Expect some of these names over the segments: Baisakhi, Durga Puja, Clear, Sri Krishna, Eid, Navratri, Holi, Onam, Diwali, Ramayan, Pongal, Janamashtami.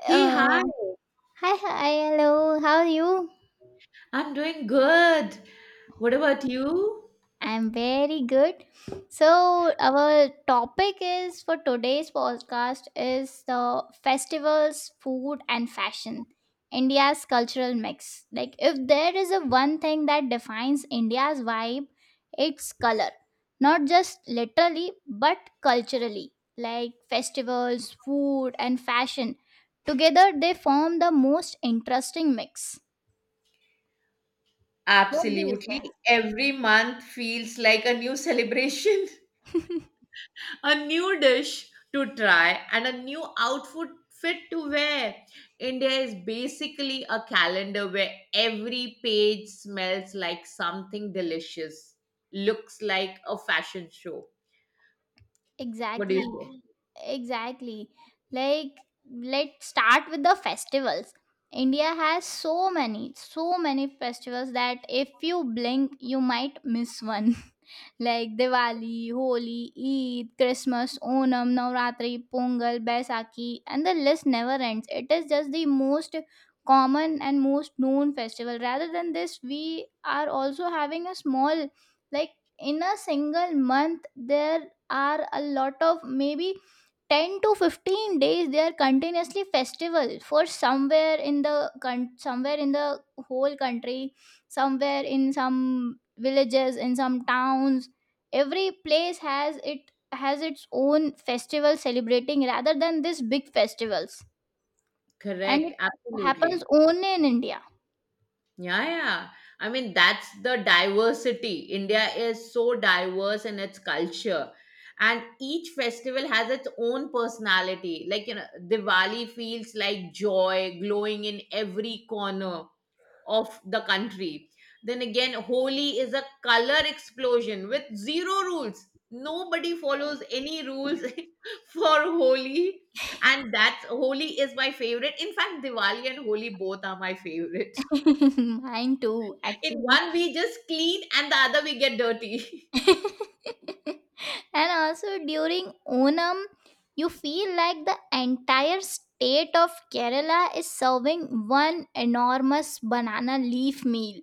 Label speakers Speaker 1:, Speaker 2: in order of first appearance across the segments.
Speaker 1: Hey,
Speaker 2: Uh,
Speaker 1: hi.
Speaker 2: Hi, hi, hello. How are you?
Speaker 1: I'm doing good. What about you?
Speaker 2: I'm very good. So our topic is for today's podcast is the festivals, food, and fashion. India's cultural mix. Like if there is a one thing that defines India's vibe, it's color. Not just literally, but culturally. Like festivals, food, and fashion. Together they form the most interesting mix. What do you
Speaker 1: Absolutely.
Speaker 2: say?
Speaker 1: Every month feels like a new celebration, a new dish to try, and a new outfit fit to wear. India is basically a calendar where every page smells like something delicious, looks like a fashion show. What do you
Speaker 2: Exactly,
Speaker 1: say?
Speaker 2: exactly. Like, let's start with the festivals. India has so many, so many festivals that if you blink, you might miss one like Diwali, Holi, Eid, Christmas, Onam, Navratri, Pongal, Baisakhi, and the list never ends. It is just the most common and most known festival. Rather than this, we are also having a small, like in a single month, there are a lot of maybe 10 to 15 days they are continuously festival for somewhere in the whole country, somewhere in some villages, in some towns. Every place has its own festival celebrating, rather than this big festivals, and
Speaker 1: Correct.
Speaker 2: it
Speaker 1: Absolutely.
Speaker 2: happens only in India.
Speaker 1: Yeah, yeah. I mean, that's the diversity. India is so diverse in its culture. And each festival has its own personality. Like, Diwali feels like joy glowing in every corner of the country. Then again, Holi is a color explosion with zero rules. Nobody follows any rules for Holi. And that's Holi is my favorite. In fact, Diwali and Holi both are my favorite.
Speaker 2: Mine too,
Speaker 1: In
Speaker 2: actually.
Speaker 1: one we just clean and the other we get dirty.
Speaker 2: And also during Onam, you feel like the entire state of Kerala is serving one enormous banana leaf meal.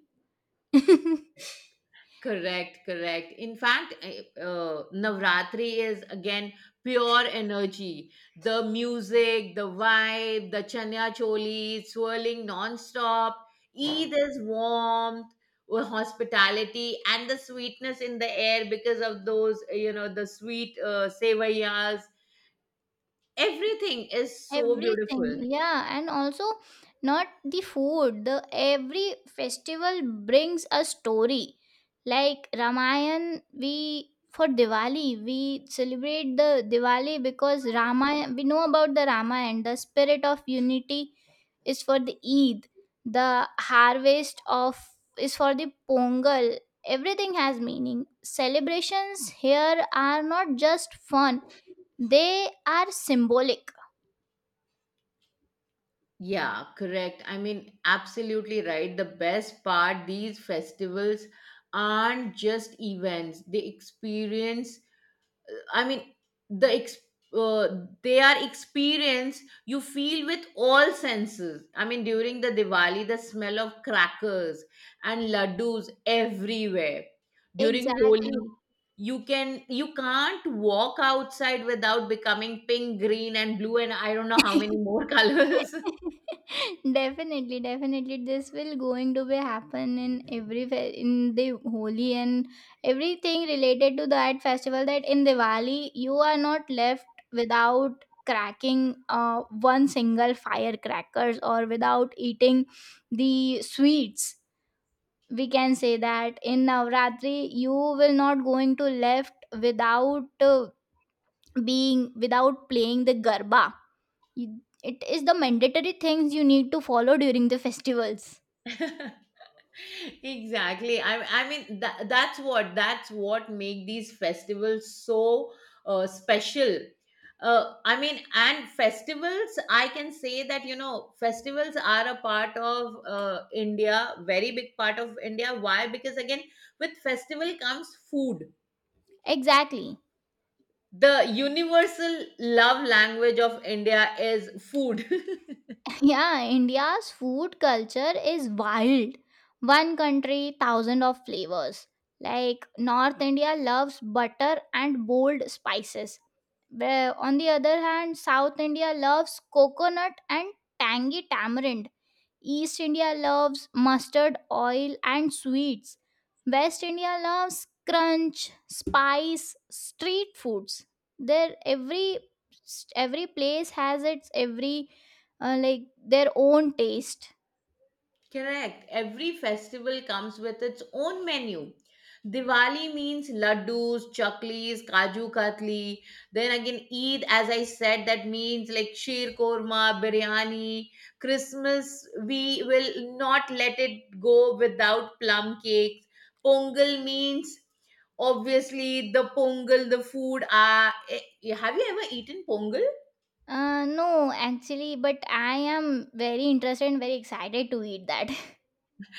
Speaker 1: Correct, correct. In fact, navratri is again pure energy, the music, the vibe, the chanya choli swirling non-stop. Eid is warmth, hospitality, and the sweetness in the air because of those the sweet sevayas. Everything is so
Speaker 2: Everything,
Speaker 1: beautiful.
Speaker 2: yeah. And also, not the food, the every festival brings a story. Like Ramayan, we for Diwali, we celebrate the Diwali because Rama, we know about the Rama, and the spirit of unity is for the Eid. The harvest of is for the Pongal. Everything has meaning. Celebrations here are not just fun, they are symbolic.
Speaker 1: Yeah, correct. I mean, absolutely right. The best part, these festivals aren't just events. They experience, I mean, the ex- they are experience you feel with all senses. I mean, during the Diwali, the smell of crackers and laddus everywhere. During
Speaker 2: Exactly.
Speaker 1: Holi, you can you can't walk outside without becoming pink, green, and blue, and I don't know how many more colors.
Speaker 2: Definitely, definitely. This will going to be happen in every fe- in the Holi and everything related to that festival. That in Diwali you are not left without cracking one single firecrackers or without eating the sweets. We can say that in Navratri you will not going to left without being without playing the garba. It is the mandatory things you need to follow during the festivals.
Speaker 1: Exactly. I mean that's what that's what make these festivals so special. I mean, and festivals, I can say that, you know, festivals are a part of india, very big part of india. Why? Because again, with festival comes food,
Speaker 2: Exactly.
Speaker 1: the universal love language of india is food.
Speaker 2: Yeah, India's food culture is wild. One country, thousand of flavors. Like North India loves butter and bold spices. Where on the other hand, South India loves coconut and tangy tamarind. East India loves mustard oil and sweets. West India loves crunch, spice, street foods. There every place has its every like their own taste.
Speaker 1: Correct. Every festival comes with its own menu. Diwali means laddus, chaklis, kaju katli. Then again, Eid, as I said, that means like sheer korma, biryani. Christmas, we will not let it go without plum cakes. Pongal means obviously the pongal, the food. Have you ever eaten pongal?
Speaker 2: No, actually, but I am very interested and very excited to eat that.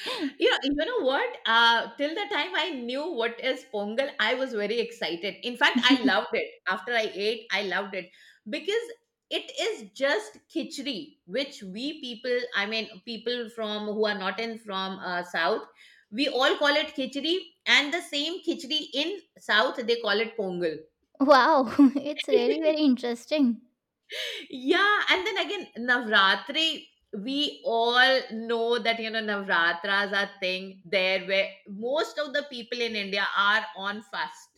Speaker 1: You know what? Till the time I knew what is pongal, I was very excited. In fact, I loved it. After I ate, I loved it because it is just khichdi, which we people, I mean, people from who are not in from south, we all call it khichdi, and the same khichdi in south they call it pongal.
Speaker 2: Wow, it's really very interesting.
Speaker 1: Yeah, and then again, Navratri, we all know that, you know, Navratras are thing there where most of the people in India are on fast.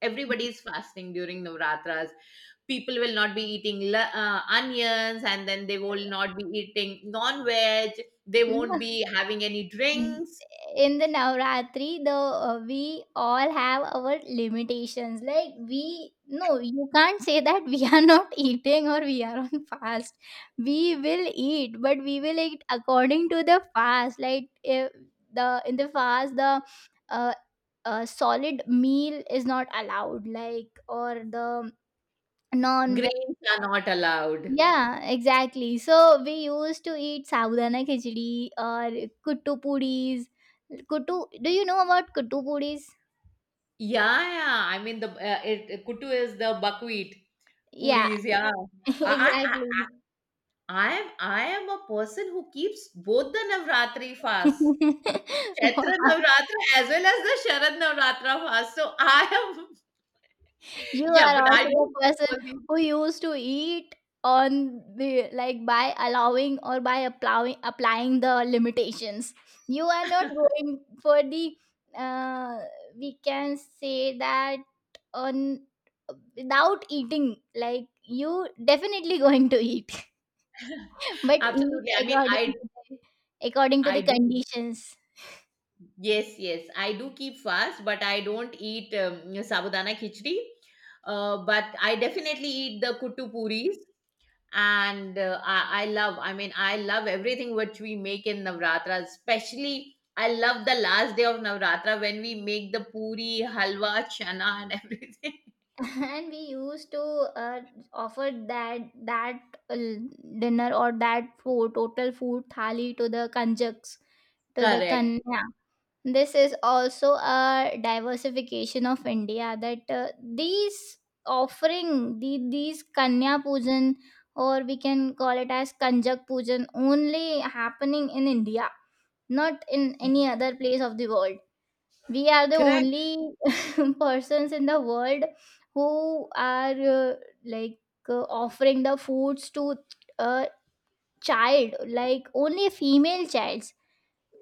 Speaker 1: Everybody is fasting during Navratras. People will not be eating onions, and then they will not be eating non veg. They won't
Speaker 2: No,
Speaker 1: be having any
Speaker 2: Mm,
Speaker 1: drinks.
Speaker 2: in the Navratri, the we all have our limitations. Like we, no, you can't say that we are not eating or we are on fast. We will eat, but we will eat according to the fast. Like if the in the fast, the uh, solid meal is not allowed. Like or the non,
Speaker 1: Grains are not allowed.
Speaker 2: yeah, exactly. So we used to eat sabudana khichdi or kuttu puris. Kuttu, do you know about kuttu puris?
Speaker 1: Yeah, yeah. I mean, the kutu is the buckwheat
Speaker 2: Yeah,
Speaker 1: puris. Yeah. I, I
Speaker 2: exactly.
Speaker 1: I am a person who keeps both the Navratri fasts, Chaitra Navratri as well as the Sharad Navratri fast. So I am
Speaker 2: You
Speaker 1: yeah,
Speaker 2: are
Speaker 1: but I
Speaker 2: also the
Speaker 1: don't do
Speaker 2: person
Speaker 1: all these.
Speaker 2: who used to eat on the like by allowing or by applying the limitations. You are not going for the uh, we can say that on without eating, like you definitely going to eat but eat
Speaker 1: Absolutely, I mean
Speaker 2: according
Speaker 1: I
Speaker 2: to the,
Speaker 1: I do,
Speaker 2: conditions,
Speaker 1: yes, yes, I do keep fast, but I don't eat sabudana khichdi. But I definitely eat the kuttu puris, and I love, I mean, I love everything which we make in navratra, especially I love the last day of navratra when we make the puri halwa chana and everything.
Speaker 2: and we used to uh, offer that uh, dinner or that food, total food thali to the kanjaks, to the
Speaker 1: Correct.
Speaker 2: kanya. This is also a diversification of India, that these offering these kanya pujan, or we can call it as kanjak pujan, only happening in India, not in any other place of the world. We are the
Speaker 1: Correct.
Speaker 2: only persons in the world who are like offering the foods to a child, like only female childs.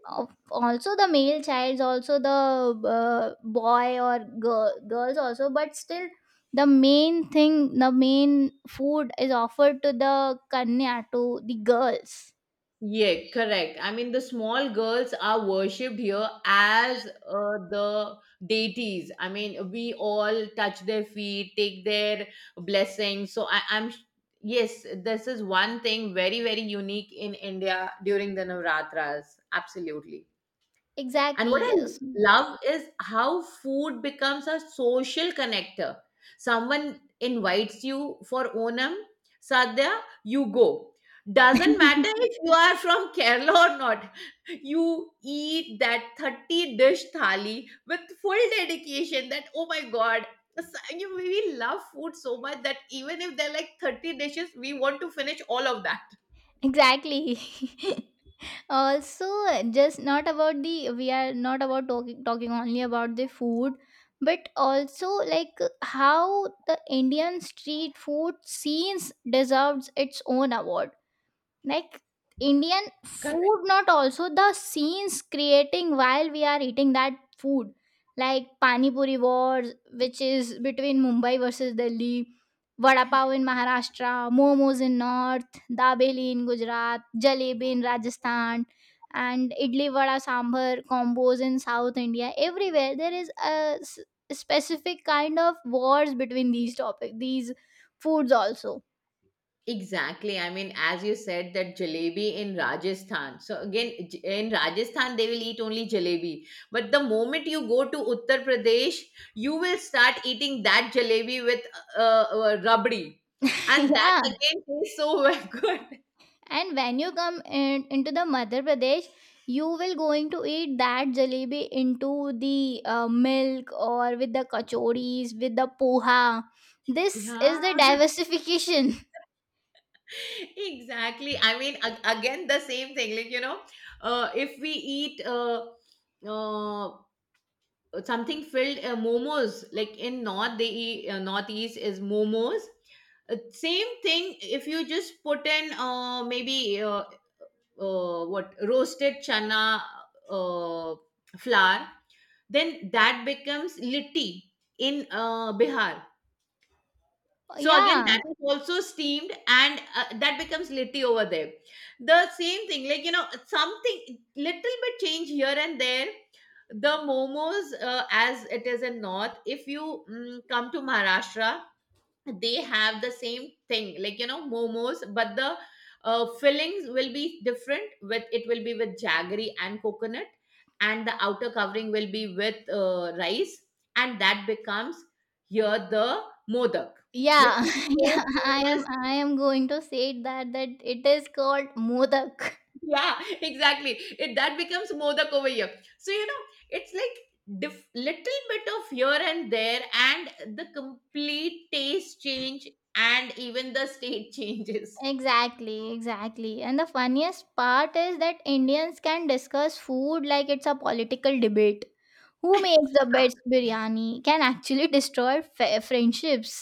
Speaker 2: Also the male childs also, the boy or girl, girls also, but still the main food is offered to the kanya, to the girls.
Speaker 1: Yeah, correct. I mean, the small girls are worshipped here as the deities. I mean, we all touch their feet, take their blessings. I'm, yes, this is one thing very very unique in india during the navratras, absolutely. And what
Speaker 2: Exactly,
Speaker 1: I
Speaker 2: yes.
Speaker 1: love is how food becomes a social connector. Someone invites you for Onam, Sadhya, you go. Doesn't matter if you are from Kerala or not. You eat that 30 dish thali with full dedication that, oh my God, we love food so much that even if there are like 30 dishes, we want to finish all of that.
Speaker 2: Exactly. Also, just not about the we are not about talking only about the food, but also, like, how the Indian street food scenes deserves its own award. Like Indian food, not also the scenes creating while we are eating that food, like pani puri wars which is between Mumbai versus Delhi, vada pav in Maharashtra, momos in north, dabeli in Gujarat, jalebi in Rajasthan, and idli vada sambar combos in South India. Everywhere there is a specific kind of wars between these foods also.
Speaker 1: Exactly. I mean, as you said, that jalebi in Rajasthan. So again, in Rajasthan, they will eat only jalebi. But the moment you go to Uttar Pradesh, you will start eating that jalebi with rabdi, and that
Speaker 2: Yeah.
Speaker 1: again tastes so good.
Speaker 2: And when you come into the Madhya Pradesh, you will going to eat that jalebi into the milk or with the kachoris, with the poha. This
Speaker 1: Yeah,
Speaker 2: is the diversification.
Speaker 1: exactly. I mean, again, the same thing. Like, you know, if we eat uh, something filled momos, like in north they eat, northeast is momos. Same thing, if you just put in maybe uh, what roasted chana uh, flour, then that becomes litti in bihar. So again,
Speaker 2: Yeah,
Speaker 1: that is also steamed, and that becomes litti over there. The same thing, like you know, something little bit change here and there. The momos, as it is in north, if you come to Maharashtra, they have the same thing, like you know, momos, but the fillings will be different with It will be with jaggery and coconut, and the outer covering will be with rice, and that becomes here the modak, which
Speaker 2: yeah,
Speaker 1: is so
Speaker 2: yeah. I
Speaker 1: famous.
Speaker 2: am I am going to say that it is called modak.
Speaker 1: Yeah, exactly, it that becomes modak over here. So you know, it's like little bit of here and there and the complete taste change, and even the state changes.
Speaker 2: Exactly, exactly. And the funniest part is that Indians can discuss food like it's a political debate. Who makes the best biryani can actually destroy friendships.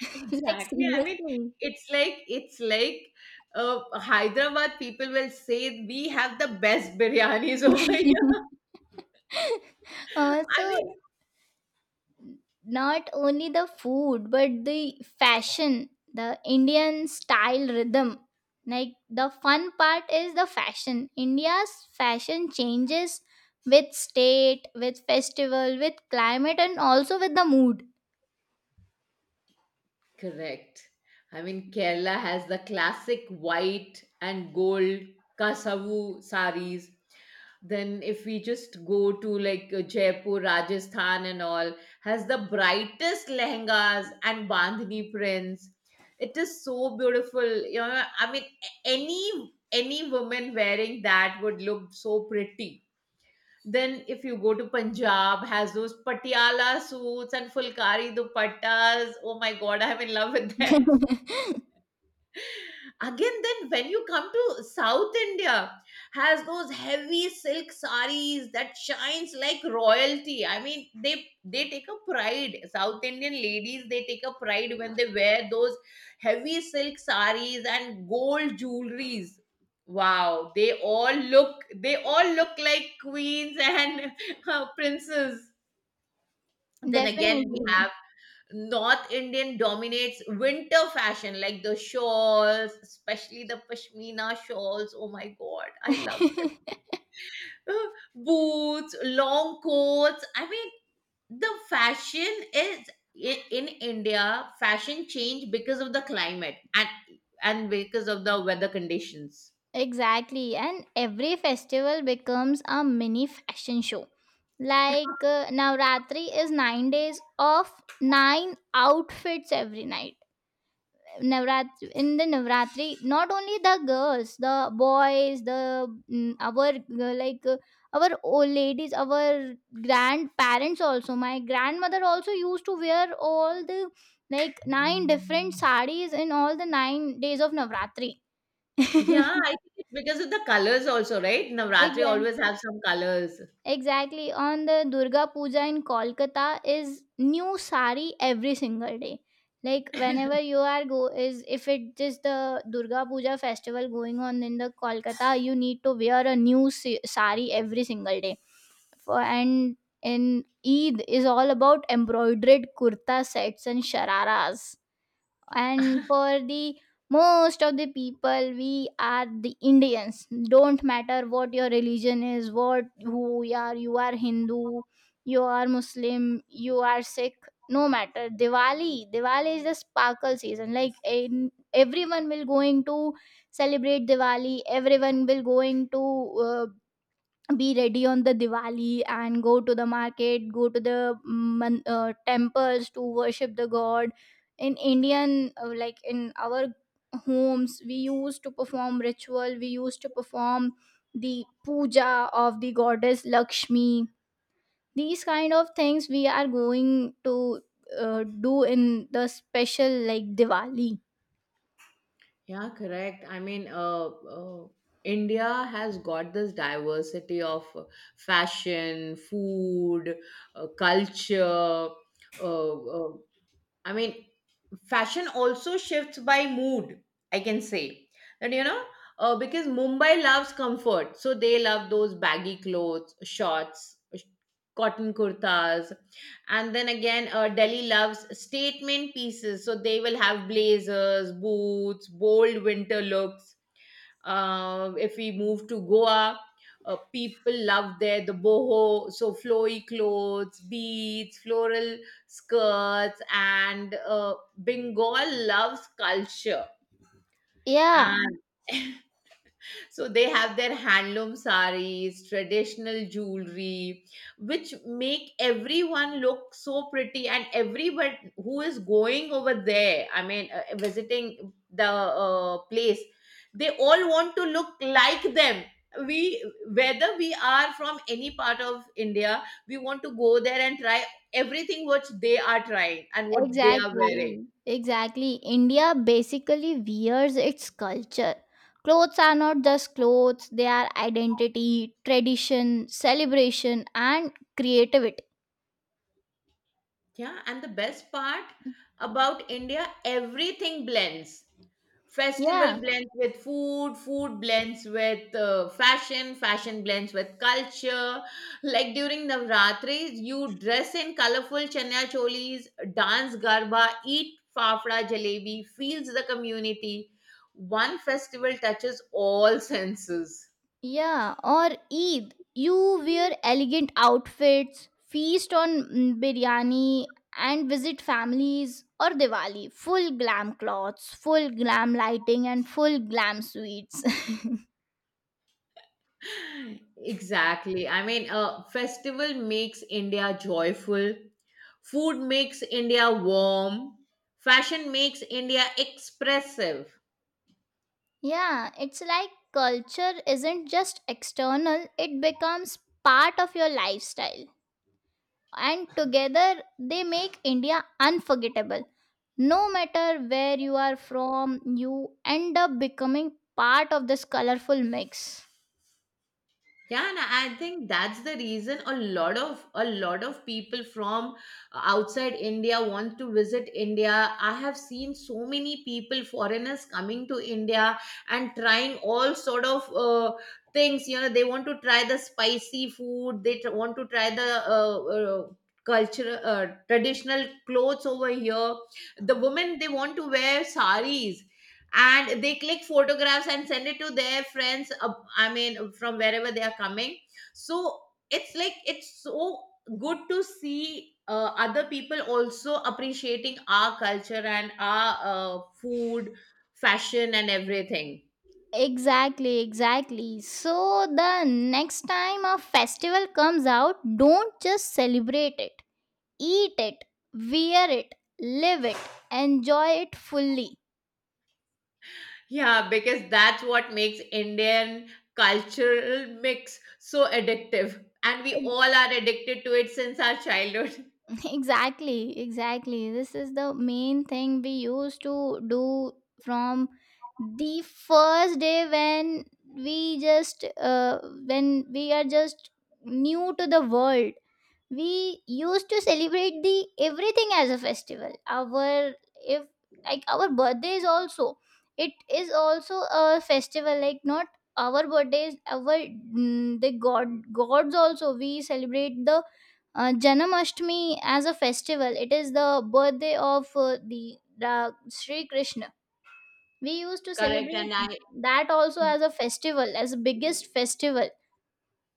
Speaker 2: Like,
Speaker 1: Exactly. I mean,
Speaker 2: seriously.
Speaker 1: it's like it's like Hyderabad people will say we have the best biryanis over here. I
Speaker 2: Also,
Speaker 1: mean,
Speaker 2: not only the food but the fashion, the Indian style rhythm. Like the fun part is the fashion. India's fashion changes with state, with festival, with climate, and also with the mood.
Speaker 1: correct. I mean, Kerala has the classic white and gold kasavu saris. Then, if we just go to like Jaipur, Rajasthan, and all, has the brightest lehengas and bandhani prints. It is so beautiful. You know, I mean, any woman wearing that would look so pretty. Then if you go to Punjab, has those patiala suits and fulkari dupattas. Oh my God, I'm in love with them. Again, then when you come to South India, has those heavy silk saris that shines like royalty. I mean, they take a pride. South Indian ladies, they take a pride when they wear those heavy silk saris and gold jewelries. Wow, they all look like queens and princes. Then again we
Speaker 2: Definitely.
Speaker 1: have north indian dominates winter fashion, like the shawls, especially the pashmina shawls. Oh my god, I love it. Boots, long coats. I mean, the fashion is, in india fashion changed because of the climate and because of the weather conditions.
Speaker 2: Exactly, and every festival becomes a mini fashion show. Like Navratri is 9 days of nine outfits every night. Navratri In the Navratri, not only the girls, the boys, the mm, our like our old ladies, our grandparents also. My grandmother also used to wear all the like nine different sarees in all the 9 days of Navratri.
Speaker 1: Yeah, I think it's because of the colors also, right? Navratri
Speaker 2: Exactly.
Speaker 1: always have some colors.
Speaker 2: Exactly. On the Durga Puja in Kolkata is new sari every single day. Like whenever you are go is, if it is the Durga Puja festival going on in the Kolkata, you need to wear a new sari every single day. For and in Eid is all about embroidered kurta sets and shararas, and for the most of the people, we are the Indians, don't matter what your religion is, what who you are, you are Hindu, you are Muslim, you are Sikh, no matter. Diwali is the sparkle season. Like everyone will going to celebrate Diwali, everyone will going to uh, be ready on the Diwali and go to the market, go to the temples to worship the god. In like in our homes, we used to perform ritual, we used to perform the puja of the goddess Lakshmi. These kind of things we are going to do in the special like Diwali.
Speaker 1: Yeah, correct. I mean, uh, India has got this diversity of fashion, food, culture, uh, uh, I mean, fashion also shifts by mood, I can say. That, you know, because Mumbai loves comfort. So they love those baggy clothes, shorts, cotton kurtas. And then again, Delhi loves statement pieces. So they will have blazers, boots, bold winter looks. If we move to Goa, people love there the boho, so flowy clothes, beads, floral skirts, and Bengal loves culture.
Speaker 2: Yeah.
Speaker 1: And so they have their handloom saris, traditional jewelry, which make everyone look so pretty. And everybody who is going over there, I mean, visiting the place, they all want to look like them. We, whether we are from any part of India, we want to go there and try everything what they are trying and what they are wearing.
Speaker 2: Exactly, exactly. India basically wears its culture. Clothes are not just clothes, they are identity, tradition, celebration, and creativity.
Speaker 1: Yeah, and the best part about India, everything blends. Festival
Speaker 2: Yeah,
Speaker 1: blends with food, food blends with fashion, fashion blends with culture. Like during Navratri, you dress in colorful chanya cholis, dance garba, eat fafda jalebi, feels the community. One festival touches all senses.
Speaker 2: yeah. Or Eid, you wear elegant outfits, feast on biryani, and visit families. Or Diwali, full glam clothes, full glam lighting, and full glam sweets.
Speaker 1: Exactly. I mean, a festival makes India joyful, food makes India warm, fashion makes India expressive.
Speaker 2: Yeah, it's like culture isn't just external, it becomes part of your lifestyle. And together they make India unforgettable. No matter where you are from, you end up becoming part of this colorful mix.
Speaker 1: Yeah, and I think that's the reason a lot of people from outside india want to visit india. I have seen so many people, foreigners, coming to india and trying all sort of things. You know, they want to try the spicy food, they want to try the uh, uh, cultural traditional clothes over here. The women, they want to wear saris and they click photographs and send it to their friends, I mean, from wherever they are coming. So it's like it's so good to see other people also appreciating our culture and our food, fashion, and everything.
Speaker 2: Exactly, exactly. So the next time a festival comes out, don't just celebrate it, eat it, wear it, live it, enjoy it fully.
Speaker 1: Yeah, because that's what makes indian cultural mix so addictive, and we all are addicted to it since our childhood.
Speaker 2: Exactly, exactly. This is the main thing we used to do from the first day when we just when we are just new to the world. We used to celebrate the everything as a festival. Our if like our birthdays also, it is also a festival, like not our birthdays, our mm, the god gods also. We celebrate the Janamashtami as a festival. It is the birthday of the Sri Krishna. We used to
Speaker 1: Correct.
Speaker 2: celebrate
Speaker 1: And I
Speaker 2: that also as a festival, as biggest festival.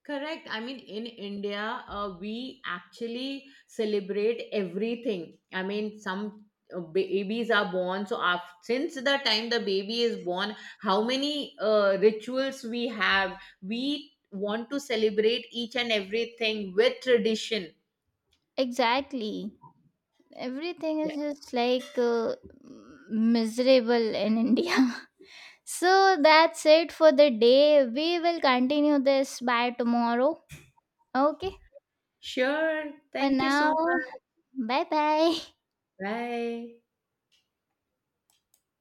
Speaker 1: Correct. I mean, in India, we actually celebrate everything. I mean, some babies are born. So, after, since the time the baby is born, how many rituals we have? We want to celebrate each and everything with tradition.
Speaker 2: Exactly. Everything
Speaker 1: Yeah.
Speaker 2: is just like miserable in India. So that's it for the day. We will continue this by tomorrow. Okay.
Speaker 1: Sure.
Speaker 2: For
Speaker 1: Thank you so
Speaker 2: now,
Speaker 1: much.
Speaker 2: bye bye.
Speaker 1: Bye.